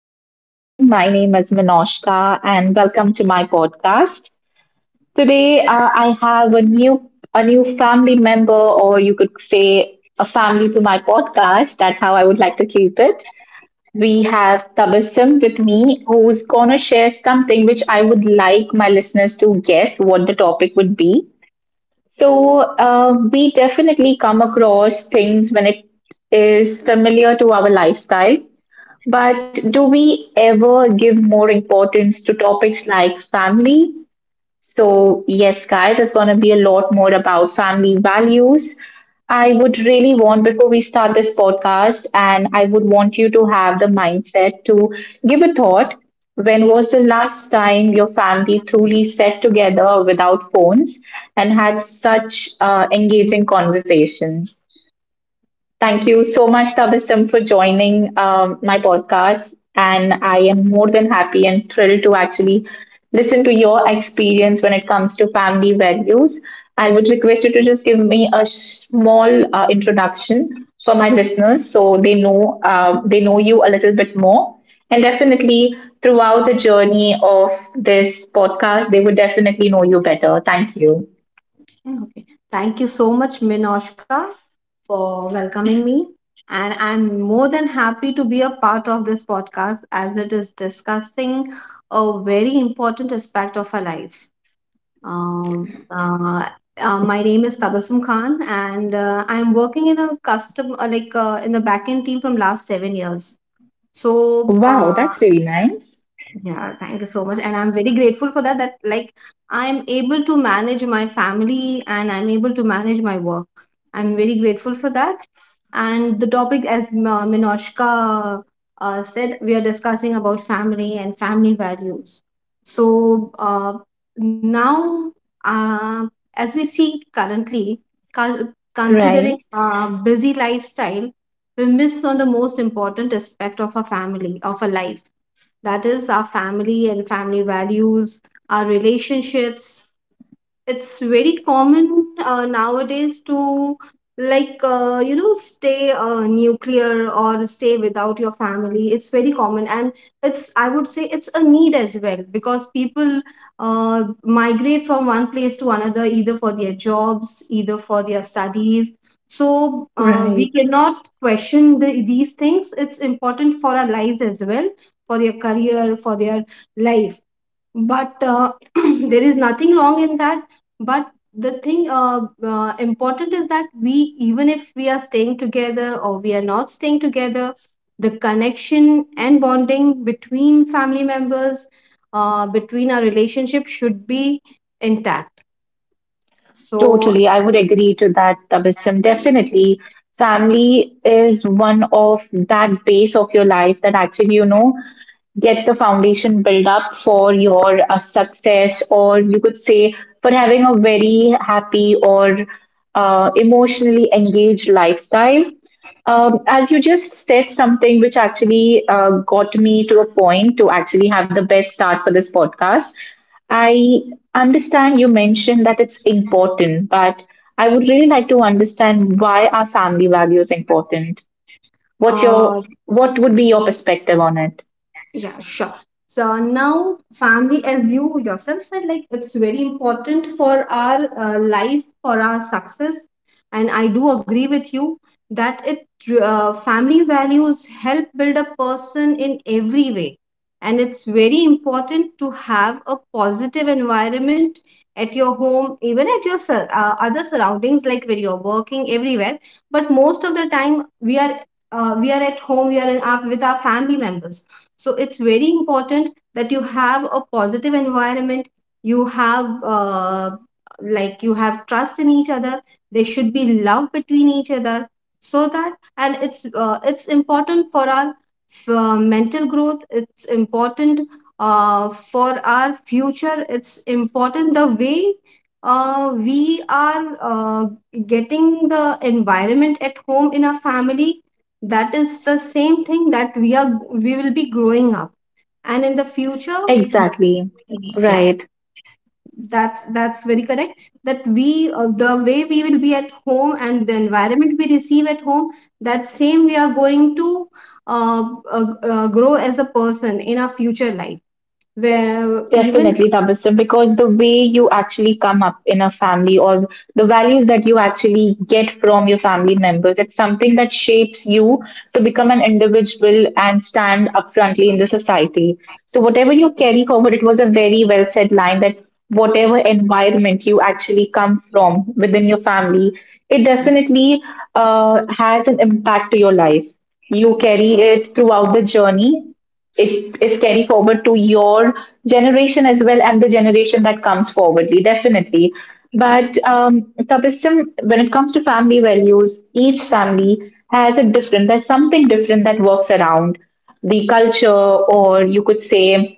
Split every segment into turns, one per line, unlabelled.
good morning. My name is Minoshka and welcome to my podcast. Today I have a new family member or you could say a family to my podcast. That's how I would like to keep it. We have Tabassum with me who's going to share something which I would like my listeners to guess what the topic would be. So we definitely come across things when it is familiar to our lifestyle, but do we ever give more importance to topics like family? So, yes, guys, it's going to be a lot more about family values. I would really want, before we start this podcast, and I would want you to have the mindset to give a thought. When was the last time your family truly sat together without phones and had such engaging conversations? Thank you so much, Tabasum, for joining my podcast. And I am more than happy and thrilled to actually listen to your experience when it comes to family values. I would request you to just give me a small introduction for my listeners so they know you a little bit more. And definitely throughout the journey of this podcast, they would definitely know you better. Thank you.
Okay. Thank you so much, Minoshka, for welcoming me. And I'm more than happy to be a part of this podcast as it is discussing a very important aspect of our life. Um, uh, my name is Tabassum Khan, and I'm working in a custom, in the backend team from last 7 years. So
Wow,
uh,
that's really nice.
yeah, thank you so much. And I'm very grateful for that, that like I'm able to manage my family and I'm able to manage my work. I'm very grateful for that. And the topic, as Minoshka said, we are discussing about family and family values. So uh, now, uh, as we see currently, considering
Right.
busy lifestyle, we miss on the most important aspect of a family, of a life, that is, our family and family values, our relationships. It's very common nowadays to stay nuclear or stay without your family. It's very common, and it's, I would say, it's a need as well, because people migrate from one place to another, either for their jobs, either for their studies. So we cannot question these things. It's important for our lives as well, for their career, for their life. But there is nothing wrong in that. But the thing important is that we, even if we are staying together or we are not staying together, the connection and bonding between family members, between our relationship, should be intact. So,
Totally, I would agree to that, Tabissum. Definitely, family is one of that base of your life that actually, you know, get the foundation built up for your success, or you could say for having a very happy or emotionally engaged lifestyle. As you just said something which actually got me to a point to actually have the best start for this podcast. I understand you mentioned that it's important, but I would really like to understand, why are family values important? What's
uh,
your what would be your perspective on it?
yeah, sure. So now, family, as you yourself said, like it's very important for our life, for our success. And I do agree with you that it family values help build a person in every way. And it's very important to have a positive environment at your home, even at your other surroundings, like where you're working, everywhere. But most of the time, we are at home, we are in our, with our family members, so it's very important that you have a positive environment, you have like you have trust in each other, there should be love between each other, so that, and it's important for our mental growth. It's important for our future. It's important, the way we are uh, getting the environment at home in our family, that is the same thing that we will be growing up, and in the future,
Exactly.
yeah,
Right.
that's very correct, that we the way we will be at home and the environment we receive at home, that same we are going to uh, grow as a person in our future life, where even
Definitely, Tabasum, because the way you actually come up in a family or the values that you actually get from your family members, it's something that shapes you to become an individual and stand up frontly in the society. So, whatever you carry forward, it was a very well said line that whatever environment you actually come from within your family, it definitely has an impact to your life. You carry it throughout the journey. It is carry forward to your generation as well, and the generation that comes forwardly definitely. But Tabassum, when it comes to family values, each family has a different, there's something different that works around the culture, or you could say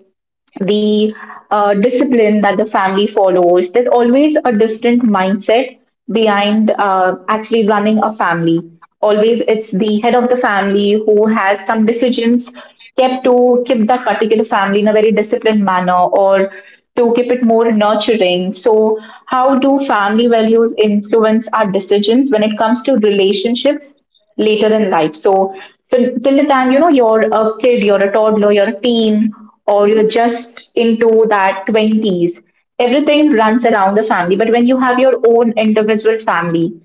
the discipline that the family follows. There's always a different mindset behind actually running a family. Always, it's the head of the family who has some decisions kept to keep that particular family in a very disciplined manner or to keep it more nurturing. So, how do family values influence our decisions when it comes to relationships later in life? So till the time, you know, you're a kid, you're a toddler, you're a teen, or you're just into that twenties, everything runs around the family. But when you have your own individual family,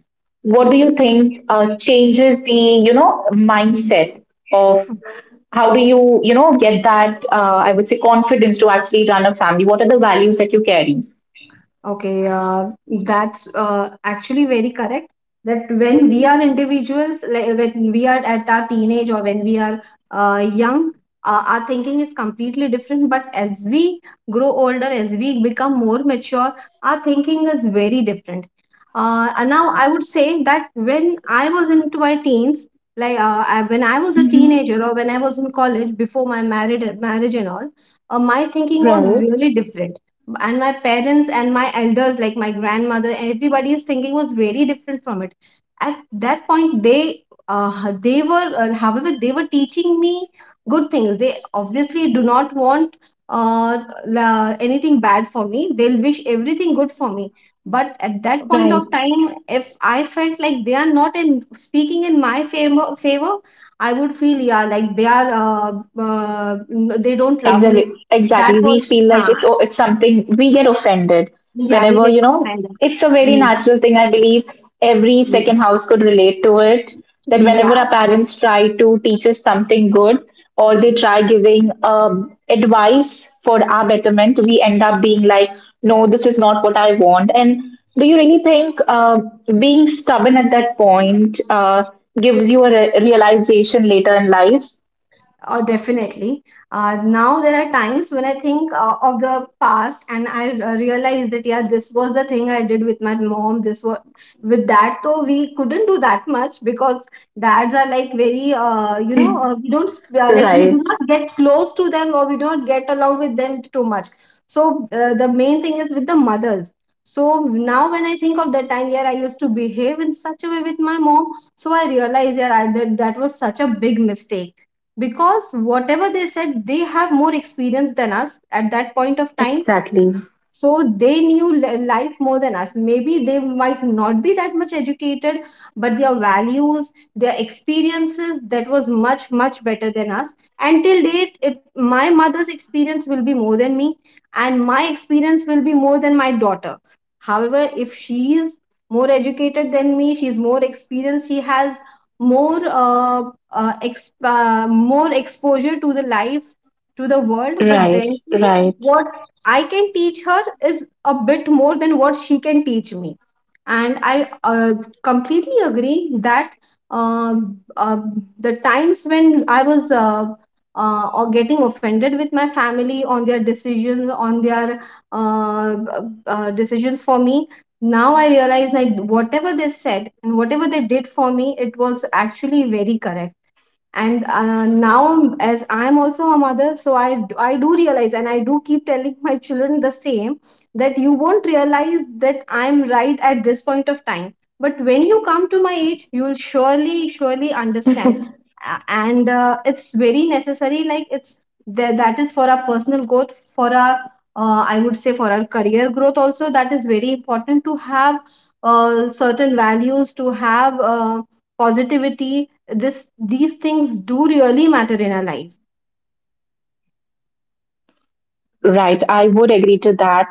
what do
yeah.
you think changes the, you know, mindset of, how do you, you know, get that I would say confidence to actually run a family? What are the values that you carry?
Okay, that's actually very correct. That when we are individuals, like when we are at our teenage or when we are young, our thinking is completely different. But as we grow older, as we become more mature, our thinking is very different. And now I would say that when I was into my teens, when I was a
Mm-hmm.
teenager or when I was in college before my married marriage and all, my thinking was
Right.
really different, and my parents and my elders, like my grandmother, everybody's thinking was very different from it. At that point, they were however they were teaching me good things. They obviously do not want uh, anything bad for me. They'll wish everything good for me. But at that point
Right.
of time, if I felt like they are not in speaking in my favor, I would feel, yeah, like they are they don't love me.
Exactly,
That
exactly. We
was
feel like
huh,
it's something, we get offended
yeah, we
whenever,
get
you know,
offended.
it's a very
Mm,
natural thing. I believe every
mm.
second house could relate to it. That
Yeah.
whenever our parents try to teach us something good or they try giving advice for our betterment, we end up being like, no, this is not what I want. And do you really think being stubborn at that point gives you a realization later in life?
Oh, definitely. Now there are times when I think of the past, and I realize that yeah, this was the thing I did with my mom. This was with that, though we couldn't do that much because dads are like very, you know, we don't sp- like we do
Right.
not get close to them, or we don't get along with them too much. So the main thing is with the mothers. So now when I think of that time, yeah, I used to behave in such a way with my mom. So I realize, yeah, I, that that was such a big mistake, because whatever they said, they have more experience than us at that point of time,
Exactly.
so they knew life more than us. Maybe they might not be that much educated, but their values, their experiences, that was much, much better than us. And till date, it, my mother's experience will be more than me, and my experience will be more than my daughter. However, if she is more educated than me, she is more experienced, she has more more exposure to the life, to the world, but
Right,
then
right.
what I can teach her is a bit more than what she can teach me. And I completely agree that uh, uh, the times when I was or getting offended with my family on their uh, uh, decisions for me, now I realize that whatever they said and whatever they did for me, it was actually very correct. And now as I'm also a mother, so I do realize, and I do keep telling my children the same, that you won't realize that I'm right at this point of time, but when you come to my age, you'll surely surely understand. And it's very necessary, like it's that that is for our personal growth, for our I would say for our career growth also. That is very important to have certain values, to have positivity. This These things do really matter in our life.
Right, I would agree to that, Tabassum. But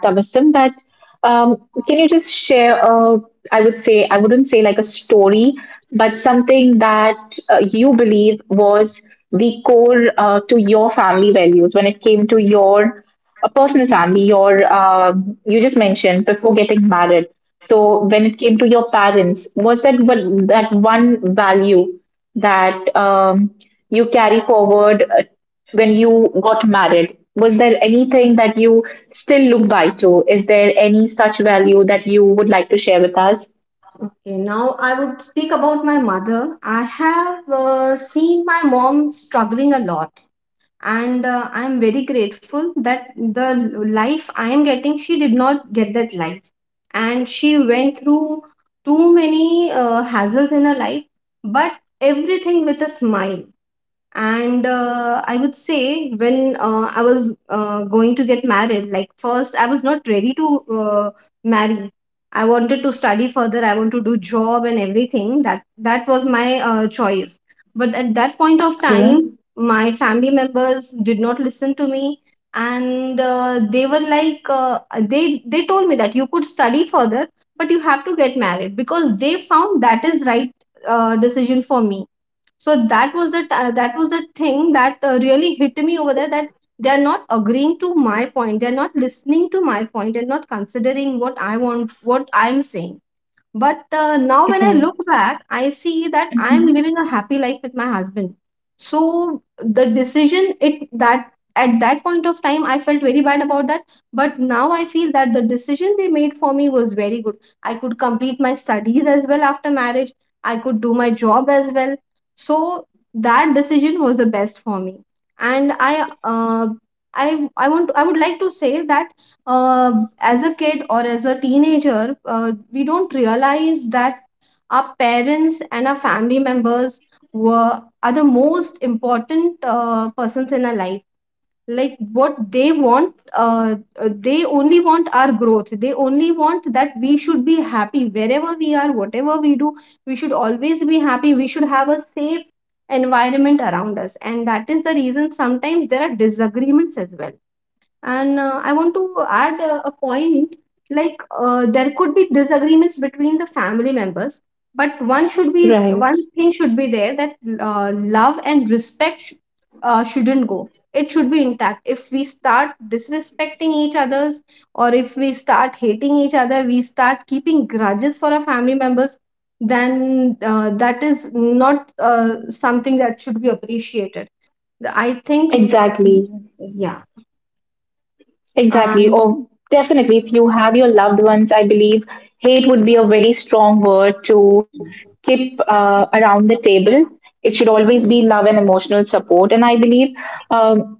can you just share a, I would say, I wouldn't say like a story, but something that you believe was the core to your family values when it came to your personal family, your, you just mentioned before getting married. So when it came to your parents, was that one value that you carry forward when you got married? Was there anything that you still look by to? Is there any such value that you would like to share with us?
Okay, now I would speak about my mother. I have seen my mom struggling a lot, and I'm very grateful that the life I am getting, she did not get that life. And she went through too many hassles in her life, but everything with a smile. And I would say when I was going to get married, like first I was not ready to marry. I wanted to study further, I want to do job and everything. That that was my choice. But at that point of
Okay.
time, my family members did not listen to me. And they were like they told me that you could study further, but you have to get married, because they found that is right decision for me. So that was the that was the thing that really hit me over there, that they are not agreeing to my point, they are not listening to my point, and not considering what I want, what I'm saying. But now when I
Right.
look back, I see that I am
Hmm.
living a happy life with my husband. So the decision, it that at that point of time I felt very bad about that, but now I feel that the decision they made for me was very good. I could complete my studies as well after marriage. I could do my job as well. So that decision was the best for me. And I would like to say that uh, as a kid or as a teenager, we don't realize that our parents and our family members were are the most important persons in our life. Like what they want, uh, they only want our growth. They only want that we should be happy wherever we are, whatever we do. We should always be happy. We should have a safe environment around us, and that is the reason sometimes there are disagreements as well. And I want to add a point, there could be disagreements between the family members, but one
Right.
thing should be there, that love and respect shouldn't go. It should be intact. If we start disrespecting each others, or if we start hating each other, we start keeping grudges for our family members, then that is not something that should be appreciated. I think,
Exactly.
yeah.
Exactly.
And.
Or definitely, if you have your loved ones, I believe hate would be a very strong word to keep around the table. It should always be love and emotional support. And I believe um,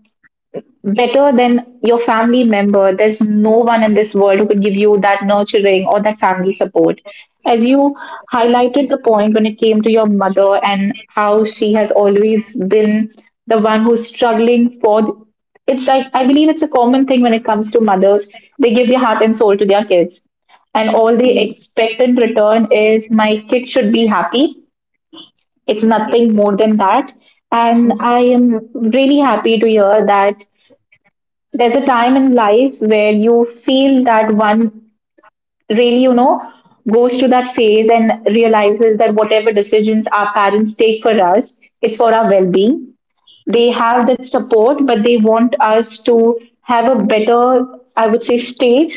better than your family member, there's no one in this world who could give you that nurturing or that family support. As you highlighted the point when it came to your mother and how she has always been the one who's struggling for, it's like I believe it's a common thing when it comes to mothers. They give their heart and soul to their kids. And all they expect in return is, my kid should be happy.
Yeah.
It's nothing more than that. And I am really happy to hear that there's a time in life where you feel that one really, you know, goes through that phase and realizes that whatever decisions our parents take for us, it's for our well being. They have that support, but they want us to have a better, I would say, stage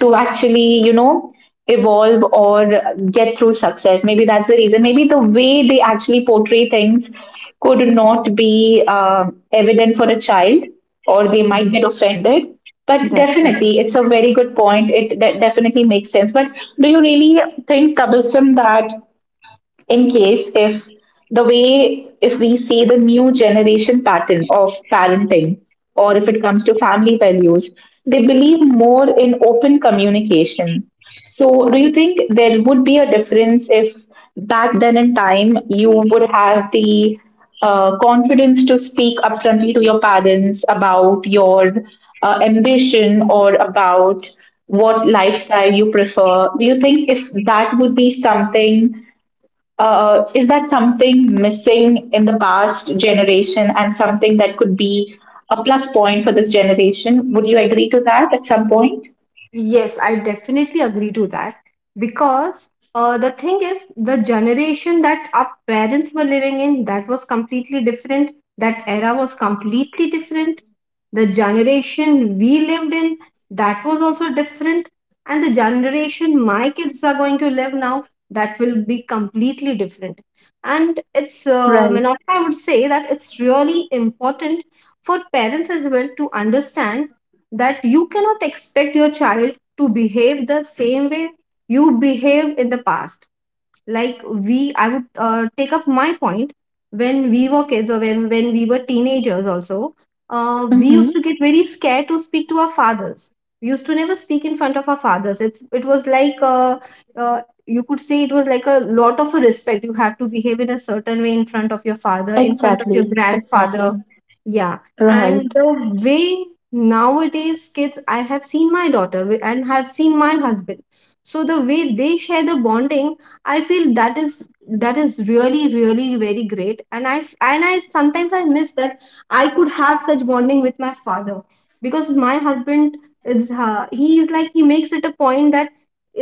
to actually, you know, evolve or get through success. Maybe that's the reason. Maybe the way they actually portray things could not be evident for a child, or they
Mm.
might get offended.
That's
But
right.
definitely, it's a very good point. It definitely makes sense. But do you really think, Tabasum, that in case if, the way if we see the new generation pattern of parenting, or if it comes to family values, they believe more in open communication, so do you think there would be a difference if back then in time you would have the confidence to speak upfrontly to your parents about your ambition or about what lifestyle you prefer? Do you think if that would be something, is that something missing in the past generation and something that could be a plus point for this generation? Would you agree to that at some point?
Yes, I definitely agree to that, because the thing is, the generation that our parents were living in, that was completely different. That era was completely different. The generation we lived in, that was also different. And the generation my kids are going to live now, that will be completely different. And it's,
Right.
Manoj, I would say that it's really important for parents as well to understand that you cannot expect your child to behave the same way you behaved in the past. Like we I would take up my point when we were kids, or when we were teenagers also. We used to
Mm-hmm.
get very scared to speak to our fathers. We used to never speak in front of our fathers. It was like, you could say, it was like a lot of a respect. You have to behave in a certain way in front of your father, in front of your
Exactly.
grandfather.
Exactly.
Yeah. And
Right.
the way nowadays kids, I have seen my daughter, and have seen my husband, so the way they share the bonding, I feel that is really, really very great. And I sometimes I miss that. I could have such bonding with my father, because my husband, is he is like, he makes it a point that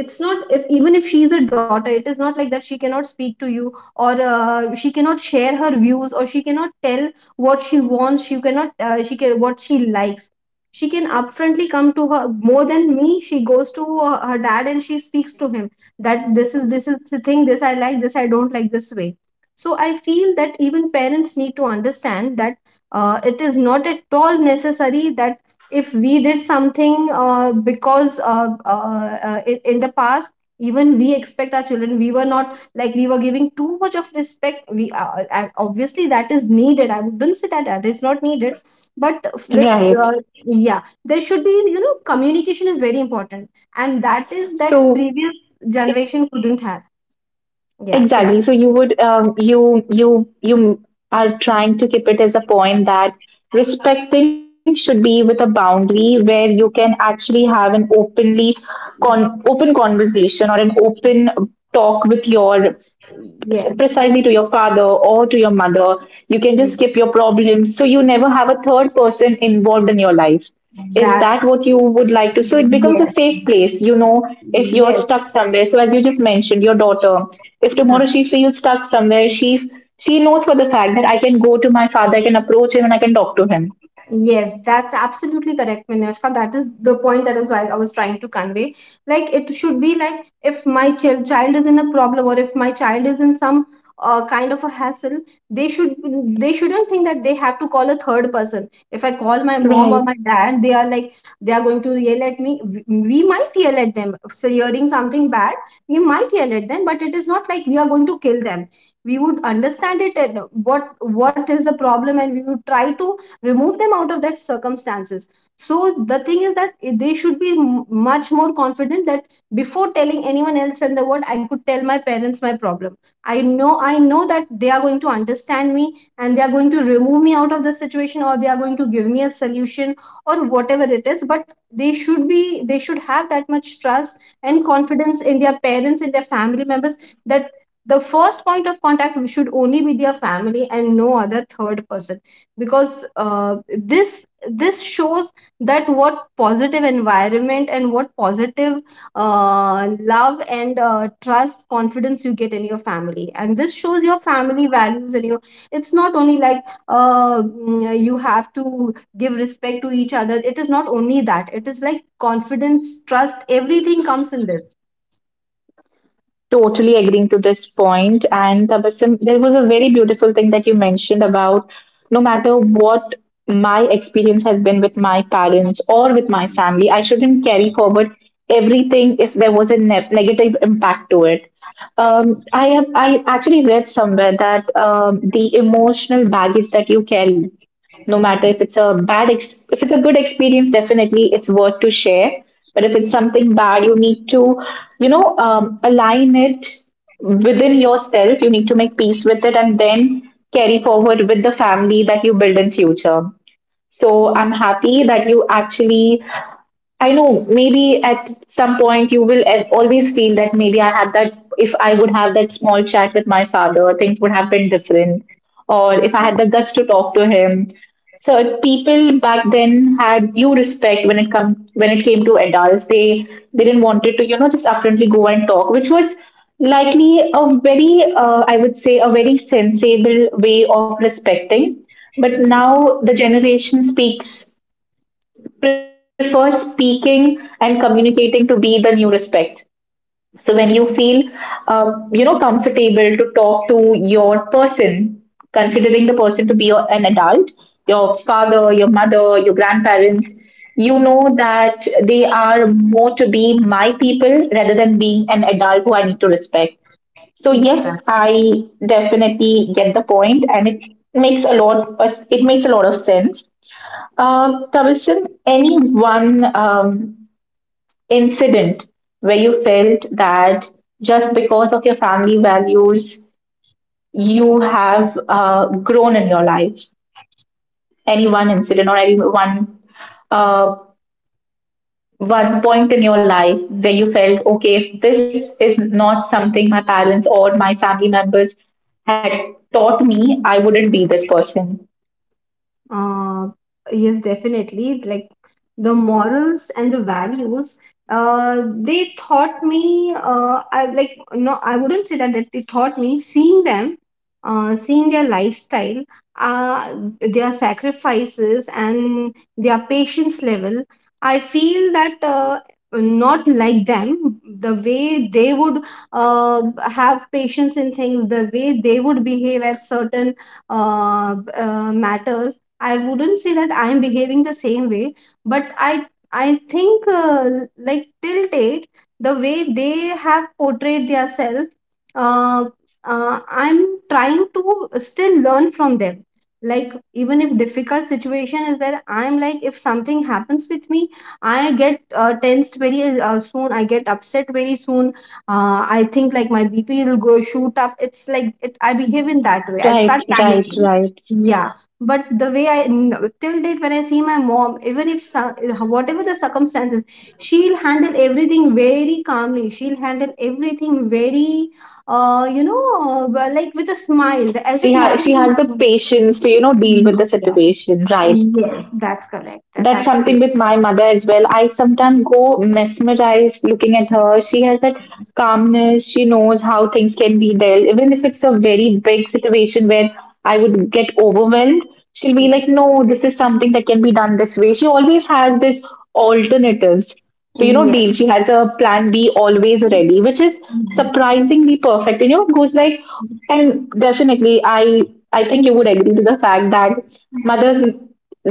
it's not, if even if she's a daughter, it is not like that she cannot speak to you, or she cannot share her views, or she cannot tell what she wants, she cannot, she can what she likes. She can upfrontly come to her, more than me she goes to her dad and she speaks to him. That this is the thing. This I like, this I don't like this way. So I feel that even parents need to understand that, it is not at all necessary that if we did something, because in the past, even we expect our children. We were not like we were giving too much of respect. We, obviously that is needed. I wouldn't say that that is not needed. But with,
Right.
uh, yeah, there should be, communication is very important. And that is, that
So,
previous generation couldn't have. Yeah, tell me.
exactly. So you would, um, you are trying to keep it as a point that respecting should be with a boundary where you can actually have an openly con open conversation or an open talk with your,
Yes.
precisely, to your father or to your mother. You can just skip your problems, so you never have a third person involved in your life. Is
That's
that what you would like to? So it becomes a
Yes.
safe place, you know, if you're
Yes.
stuck somewhere. So as you just mentioned, your daughter, if tomorrow she feels stuck somewhere, she knows for the fact that I can go to my father, I can approach him and I can talk to him.
Yes, that's absolutely correct, Vinashka. That is the point, that is why I was trying to convey. Like it should be like, if my child is in a problem, or if my child is in some, kind of a hassle, they should they shouldn't think that they have to call a third person. If I call my mom or
Right.
my dad, they are like they are going to yell at me. We might yell at them. So hearing something bad, we might yell at them, but it is not like we are going to kill them. We would understand it, and what is the problem, and we would try to remove them out of that circumstances. So the thing is that they should be much more confident that before telling anyone else in the world, I could tell my parents my problem. I know that they are going to understand me, and they are going to remove me out of the situation, or they are going to give me a solution, or whatever it is, but they should be they should have that much trust and confidence in their parents, in their family members, that the first point of contact should only be their family and no other third person. Because, this shows that what positive environment and what positive, love and, trust, confidence you get in your family, and this shows your family values and your it's not only like, you have to give respect to each other. It is not only that. It is like confidence, trust, everything comes in this.
Totally agreeing to this point. And Tabassum, there was a very beautiful thing that you mentioned about, no matter what my experience has been with my parents or with my family, I shouldn't carry forward everything if there was a negative impact to it. I actually read somewhere that the emotional baggage that you carry, no matter
Mm.
if it's a if it's a good experience, definitely it's worth to share, but if it's something bad, you need to, you know, align it within yourself, you need to make peace with it and then carry forward with the family that you build in future. So I'm happy that you actually, I know maybe at some point you will always feel that, maybe I had that, if I would have that small chat with my father, things would have been different. Or if I had the guts to talk to him. So people back then had due respect when it come when it came to adults. They didn't want it to, you know, just upfrontly go and talk, which was likely a very, I would say, a very sensible way of respecting. But now the generation speaks prefer speaking and communicating to be the new respect. So when you feel, you know, comfortable to talk to your person, considering the person to be your, an adult, your father, your mother, your grandparents, you know that they are more to be my people rather than being an adult who I need to respect. So
Mm.
yes, I definitely get the point, and it makes a lot. It makes a lot of sense. Tabassum, any one incident where you felt that just because of your family values, you have grown in your life? Any one incident or any one uh, one point in your life where you felt, okay, if this is not something my parents or my family members had taught me, I wouldn't be this person.
Uh, yes, definitely. Like the morals and the values, they taught me. I like no, I wouldn't say that that they taught me. Seeing them, seeing their lifestyle, uh, their sacrifices and their patience level, I feel that. Not like them, the way they would uh, have patience in things, the way they would behave at certain, matters. I wouldn't say that I am behaving the same way, but I think, like till date, the way they have portrayed themselves, uh, I'm trying to still learn from them. Like even if difficult situation is there, I'm like, if something happens with me, I get, tensed very soon. I get upset very soon. I think like my BP will go shoot up. It's like it. I behave in that way. I start
Right, right,
panicking.
right.
Yeah, but the way till date, when I see my mom, even if some, whatever the circumstances, she'll handle everything very calmly. She'll handle everything very, well, like with a smile, as
She
if
has she
nothing.
has the
will-
patience to you know deal with the
Yeah.
situation, right?
Yes, that's correct. That's
That's something
absolutely
with my mother as well. I sometimes go mesmerized looking at her. She has that calmness. She knows how things can be dealt. Even if it's a very big situation where I would get overwhelmed, she'll be like, no, this is something that can be done this way. She always has this alternatives to, you know,
yes.
deal. She has a plan B always ready, which is surprisingly perfect. And, you know, it goes like, and definitely, I think you would agree to the fact that mothers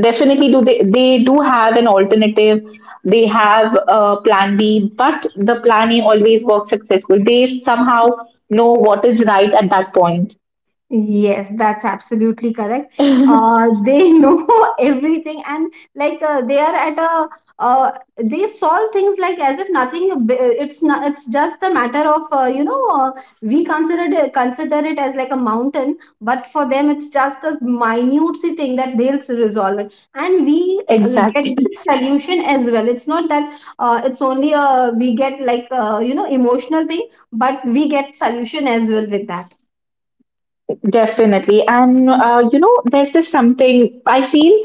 definitely do they do have an alternative, they have a plan B, but the plan A always works successful, they somehow know what is right at that point.
Yes, that's absolutely correct. They know everything, and like, they are at a uh, they solve things like as if nothing. It's not. It's just a matter of, we consider it as like a mountain, but for them it's just a minute thing that they'll resolve it, and we, get
Exactly.
this solution as well. It's not that, it's only, we get like, emotional thing, but we get solution as well with that.
Definitely, and you know, there's just something I feel,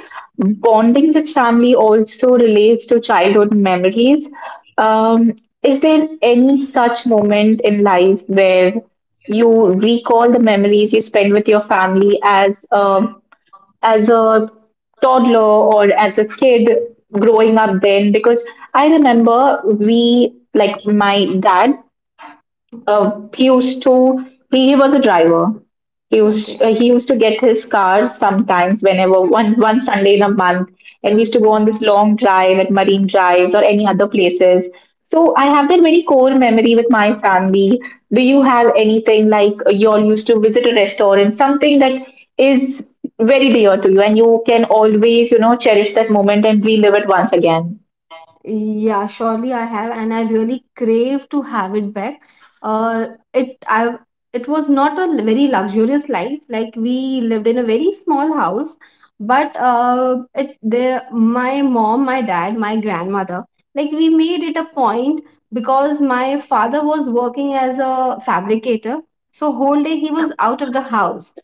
bonding with family also relates to childhood memories. um, is there any such moment in life where you recall the memories you spend with your family as a toddler or as a kid growing up? Then because I remember we like my dad, he used to, he was a driver,
Okay.
he used to get his car sometimes, whenever one Sunday in a month, and we used to go on this long drive at marine drives or any other places. So I have that very core memory with my family. Do you have anything like, you all used to visit a restaurant, something that is very dear to you and you can always, you know, cherish that moment and relive it once again?
Yeah, surely I have, and I really crave to have it back. Uh, it I it was not a very luxurious life. Like we lived in a very small house, but, it the my mom, my dad, my grandmother, like we made it a point, because my father was working as a fabricator, so whole day he was out of the house.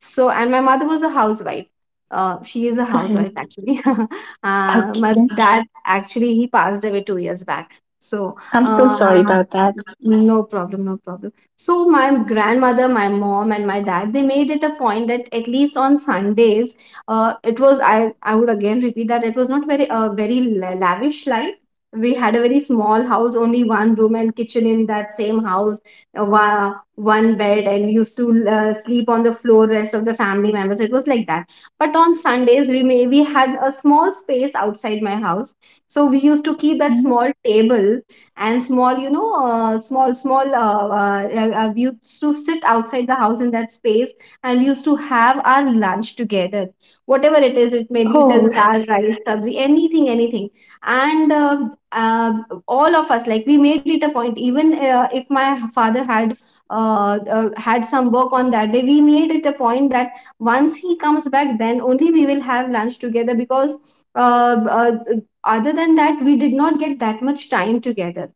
So, and my mother was a housewife. She is a housewife
Right.
actually. My
Okay.
dad, actually, he passed away 2 years back. So,
I'm so sorry
uh,
about that.
no problem, no problem. So my grandmother, my mom, and my dad, they made it a point that at least on Sundays, it was, I would again repeat that it was not very, very lavish life. We had a very small house, only one room and kitchen in that same house, one bed, and we used to, sleep on the floor, rest of the family members. It was like that. But on Sundays, we had a small space outside my house, so we used to keep that
Okay.
small table, and small you know small we used to sit outside the house in that space, and we used to have our lunch together. Whatever it is, it maybe it is
Oh.
dal, rice, sabzi, anything, anything. And, uh, all of us, like we made it a point, even, if my father had some work on that day, we made it a point that once he comes back, then only we will have lunch together. Because, uh, uh, other than that, we did not get that much time together,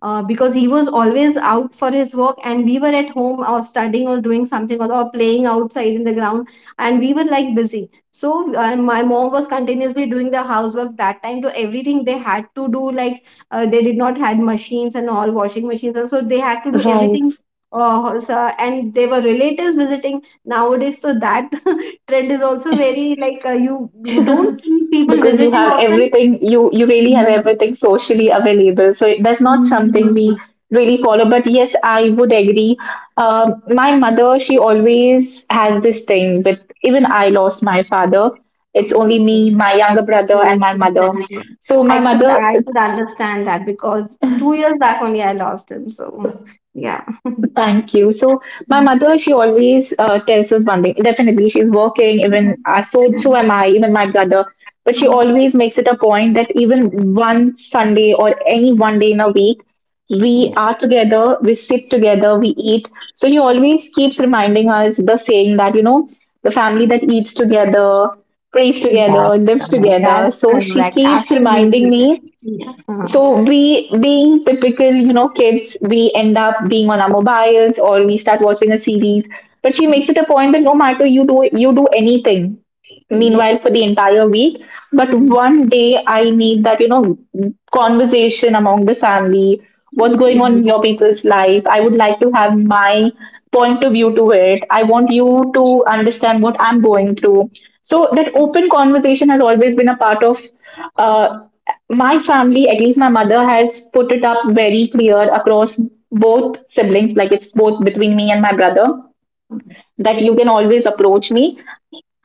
because he was always out for his work, and we were at home or studying or doing something, or playing outside in the ground, and we were like busy. So, my mom was continuously doing the housework that time, so everything they had to do, like, they did not had machines and all, washing machines and so they had to do everything. And they were, relatives visiting nowadays, so that trend is also very, like, you don't see people
Because you
visiting
have
often.
everything, you really have
Mm.
everything socially available. So it- that's not something we
Mm.
really follow. But yes, I would agree. My mother, she always has this thing. But even I lost my father. It's only
Okay.
me, my younger brother, and
Very
my mother.
confusing.
So
I
my
could
mother.
I could understand that, because 2 years back only I lost him. So yeah.
Thank you. So my mother, she always tells us one thing. Definitely, she's working. Even so,
Mm.
so am I. Even my brother. But she always makes it a point that even one Sunday or any one day in a week,
Yeah.
we are together. We sit together. We eat. So she always keeps reminding us the saying that, you know, the family
Mm.
that eats together, prays
That's
together, lives
correct. That's
together. So she
correct.
keeps
Absolutely
reminding
correct.
me.
Yeah.
So we, being typical, you know, kids, we end up being on our mobiles or we start watching a series, but she makes it a point that no matter you do, you do anything
Yeah.
meanwhile for the entire week, but one day I need that, you know, conversation among the family. What's going
Yeah.
on in your people's life? I would like to have my point of view to it. I want you to understand what I'm going through. So that open conversation has always been a part of uh my family. At least my mother has put it up very clear across both siblings, like it's both between me and my brother, that you can always approach me.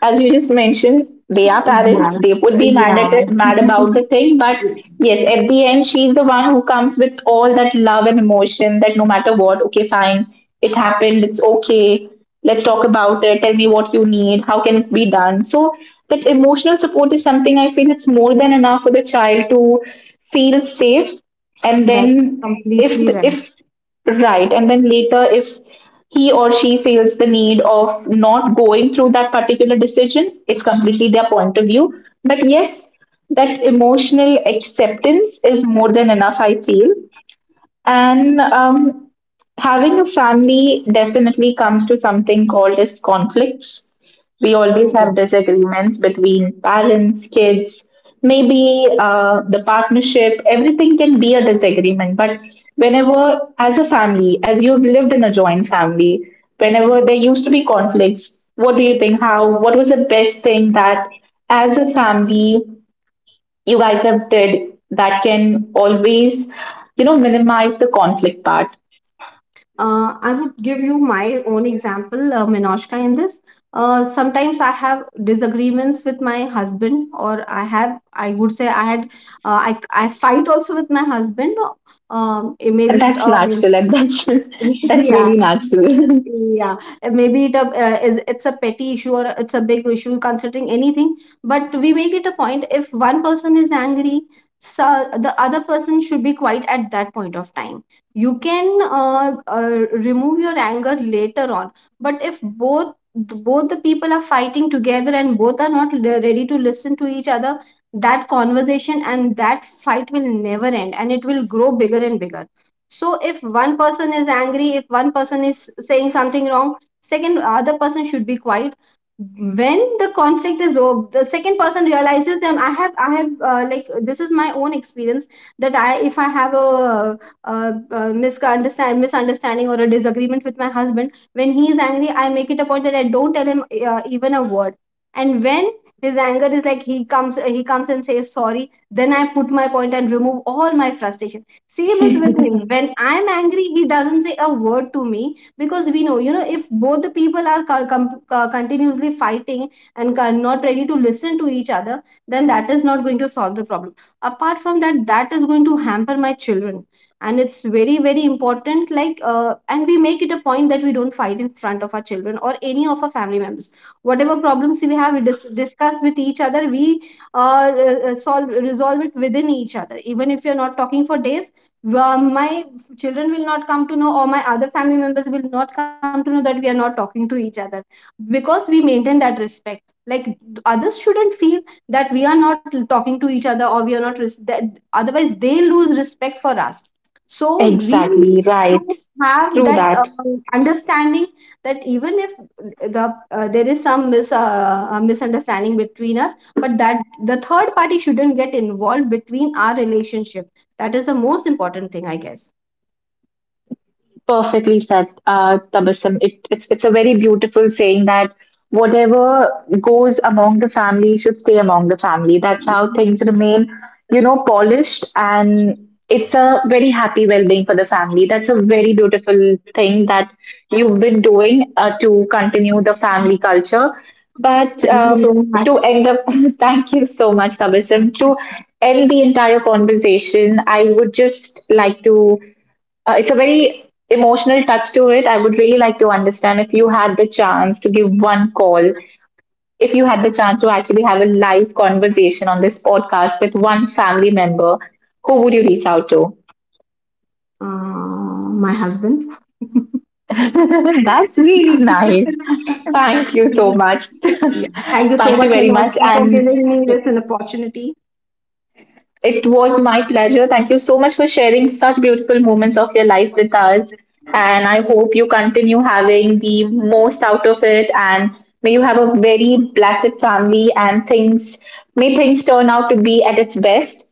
As you just mentioned, they are parents.
Yeah.
They would be mad at
Yeah.
it, mad about the thing, but yes, at the end, she's the one who comes with all that love and emotion. That no matter what, okay, fine, it happened. It's okay. Let's talk about it. Tell me what you need. How can it be done? So that emotional support is something I feel it's more than enough for the child to feel safe and
That's
then if
completely right.
if right, and then later, if he or she feels the need of not going through that particular decision, it's completely their point of view. But yes, that emotional acceptance is more than enough, I feel. And having a family definitely comes to something called as conflicts. We always
Yeah.
have disagreements between parents, kids, maybe the partnership. Everything can be a disagreement. But whenever, as a family, as you've lived in a joint family, whenever there used to be conflicts, what do you think? How? What was the best thing that, as a family, you guys have did that can always, you know, minimize the conflict part?
I would give you my own example, Minoshka, in this. Sometimes I have disagreements with my husband, or I have, I would say, I had, I fight also with my husband. It
And
maybe it,
that's natural, and that's that's
yeah,
really natural.
yeah, maybe it a, is it's a petty issue or it's a big issue considering anything, but we make it a point, if one person is angry, so the other person should be quiet at that point of time. You can, remove your anger later on, but if both the people are fighting together, and both are not ready to listen to each other, that conversation and that fight will never end, and it will grow bigger and bigger. So if one person is angry, if one person is saying something wrong, second other person should be quiet. When the conflict is over, the second person realizes them. Like this is my own experience that if I have a, misunderstanding or a disagreement with my husband, when he is angry, I make it a point that I don't tell him, even a word. And when his anger is like, he comes and says sorry, then I put my point and remove all my frustration. Same is with him. When I'm angry, he doesn't say a word to me, because we know, if both the people are continuously fighting and are not ready to listen to each other, then that is not going to solve the problem. Apart from that, that is going to hamper my children. And it's very, very important. Like, and we make it a point that we don't fight in front of our children or any of our family members. Whatever problems we have, we discuss with each other. We, uh, solve resolve it within each other, even if you're not talking for days. Wha My children will not come to know, or my other family members will not come to know that we are not talking to each other, because we maintain that respect. Like others shouldn't feel that we are not talking to each other, or we are not that, otherwise they lose respect for us. So we need
Exactly, right.
to have
Through
that,
that.
understanding, that even if there is some misunderstanding between us, but that the third party shouldn't get involved between our relationship, that is the most important thing, I guess.
Perfectly said, Tabassum. It's a very beautiful saying that whatever goes among the family should stay among the family. That's how things remain, you know, polished, and it's a very happy well-being for the family. That's a very beautiful thing that you've been doing to continue the family culture. But
Thank you so much,
to end up, thank you so much, Tabassum. To end the entire conversation, I would just like to it's a very emotional touch to it. I would really like to understand if you had the chance to give one call, if you had the chance to actually have a live conversation on this podcast with one family member, who would you reach out to?
my husband.
That's really nice. Thank you so much.
Yeah, thank you so
Thank you
much,
very
Manohar,
much.
for
And
giving me this an opportunity.
it was my pleasure. Thank you so much for sharing such beautiful moments of your life with us. And I hope you continue having the most out of it. And may you have a very blessed family and things, may things turn out to be at its best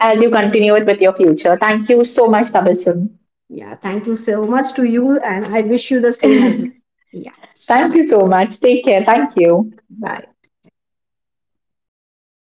as you continue it with your future. Thank you so much, Tabassum.
Yeah, thank you so much to you, and I wish you the same as well. Yeah,
Thank
bye.
you so much. Take care. Thank you.
Bye.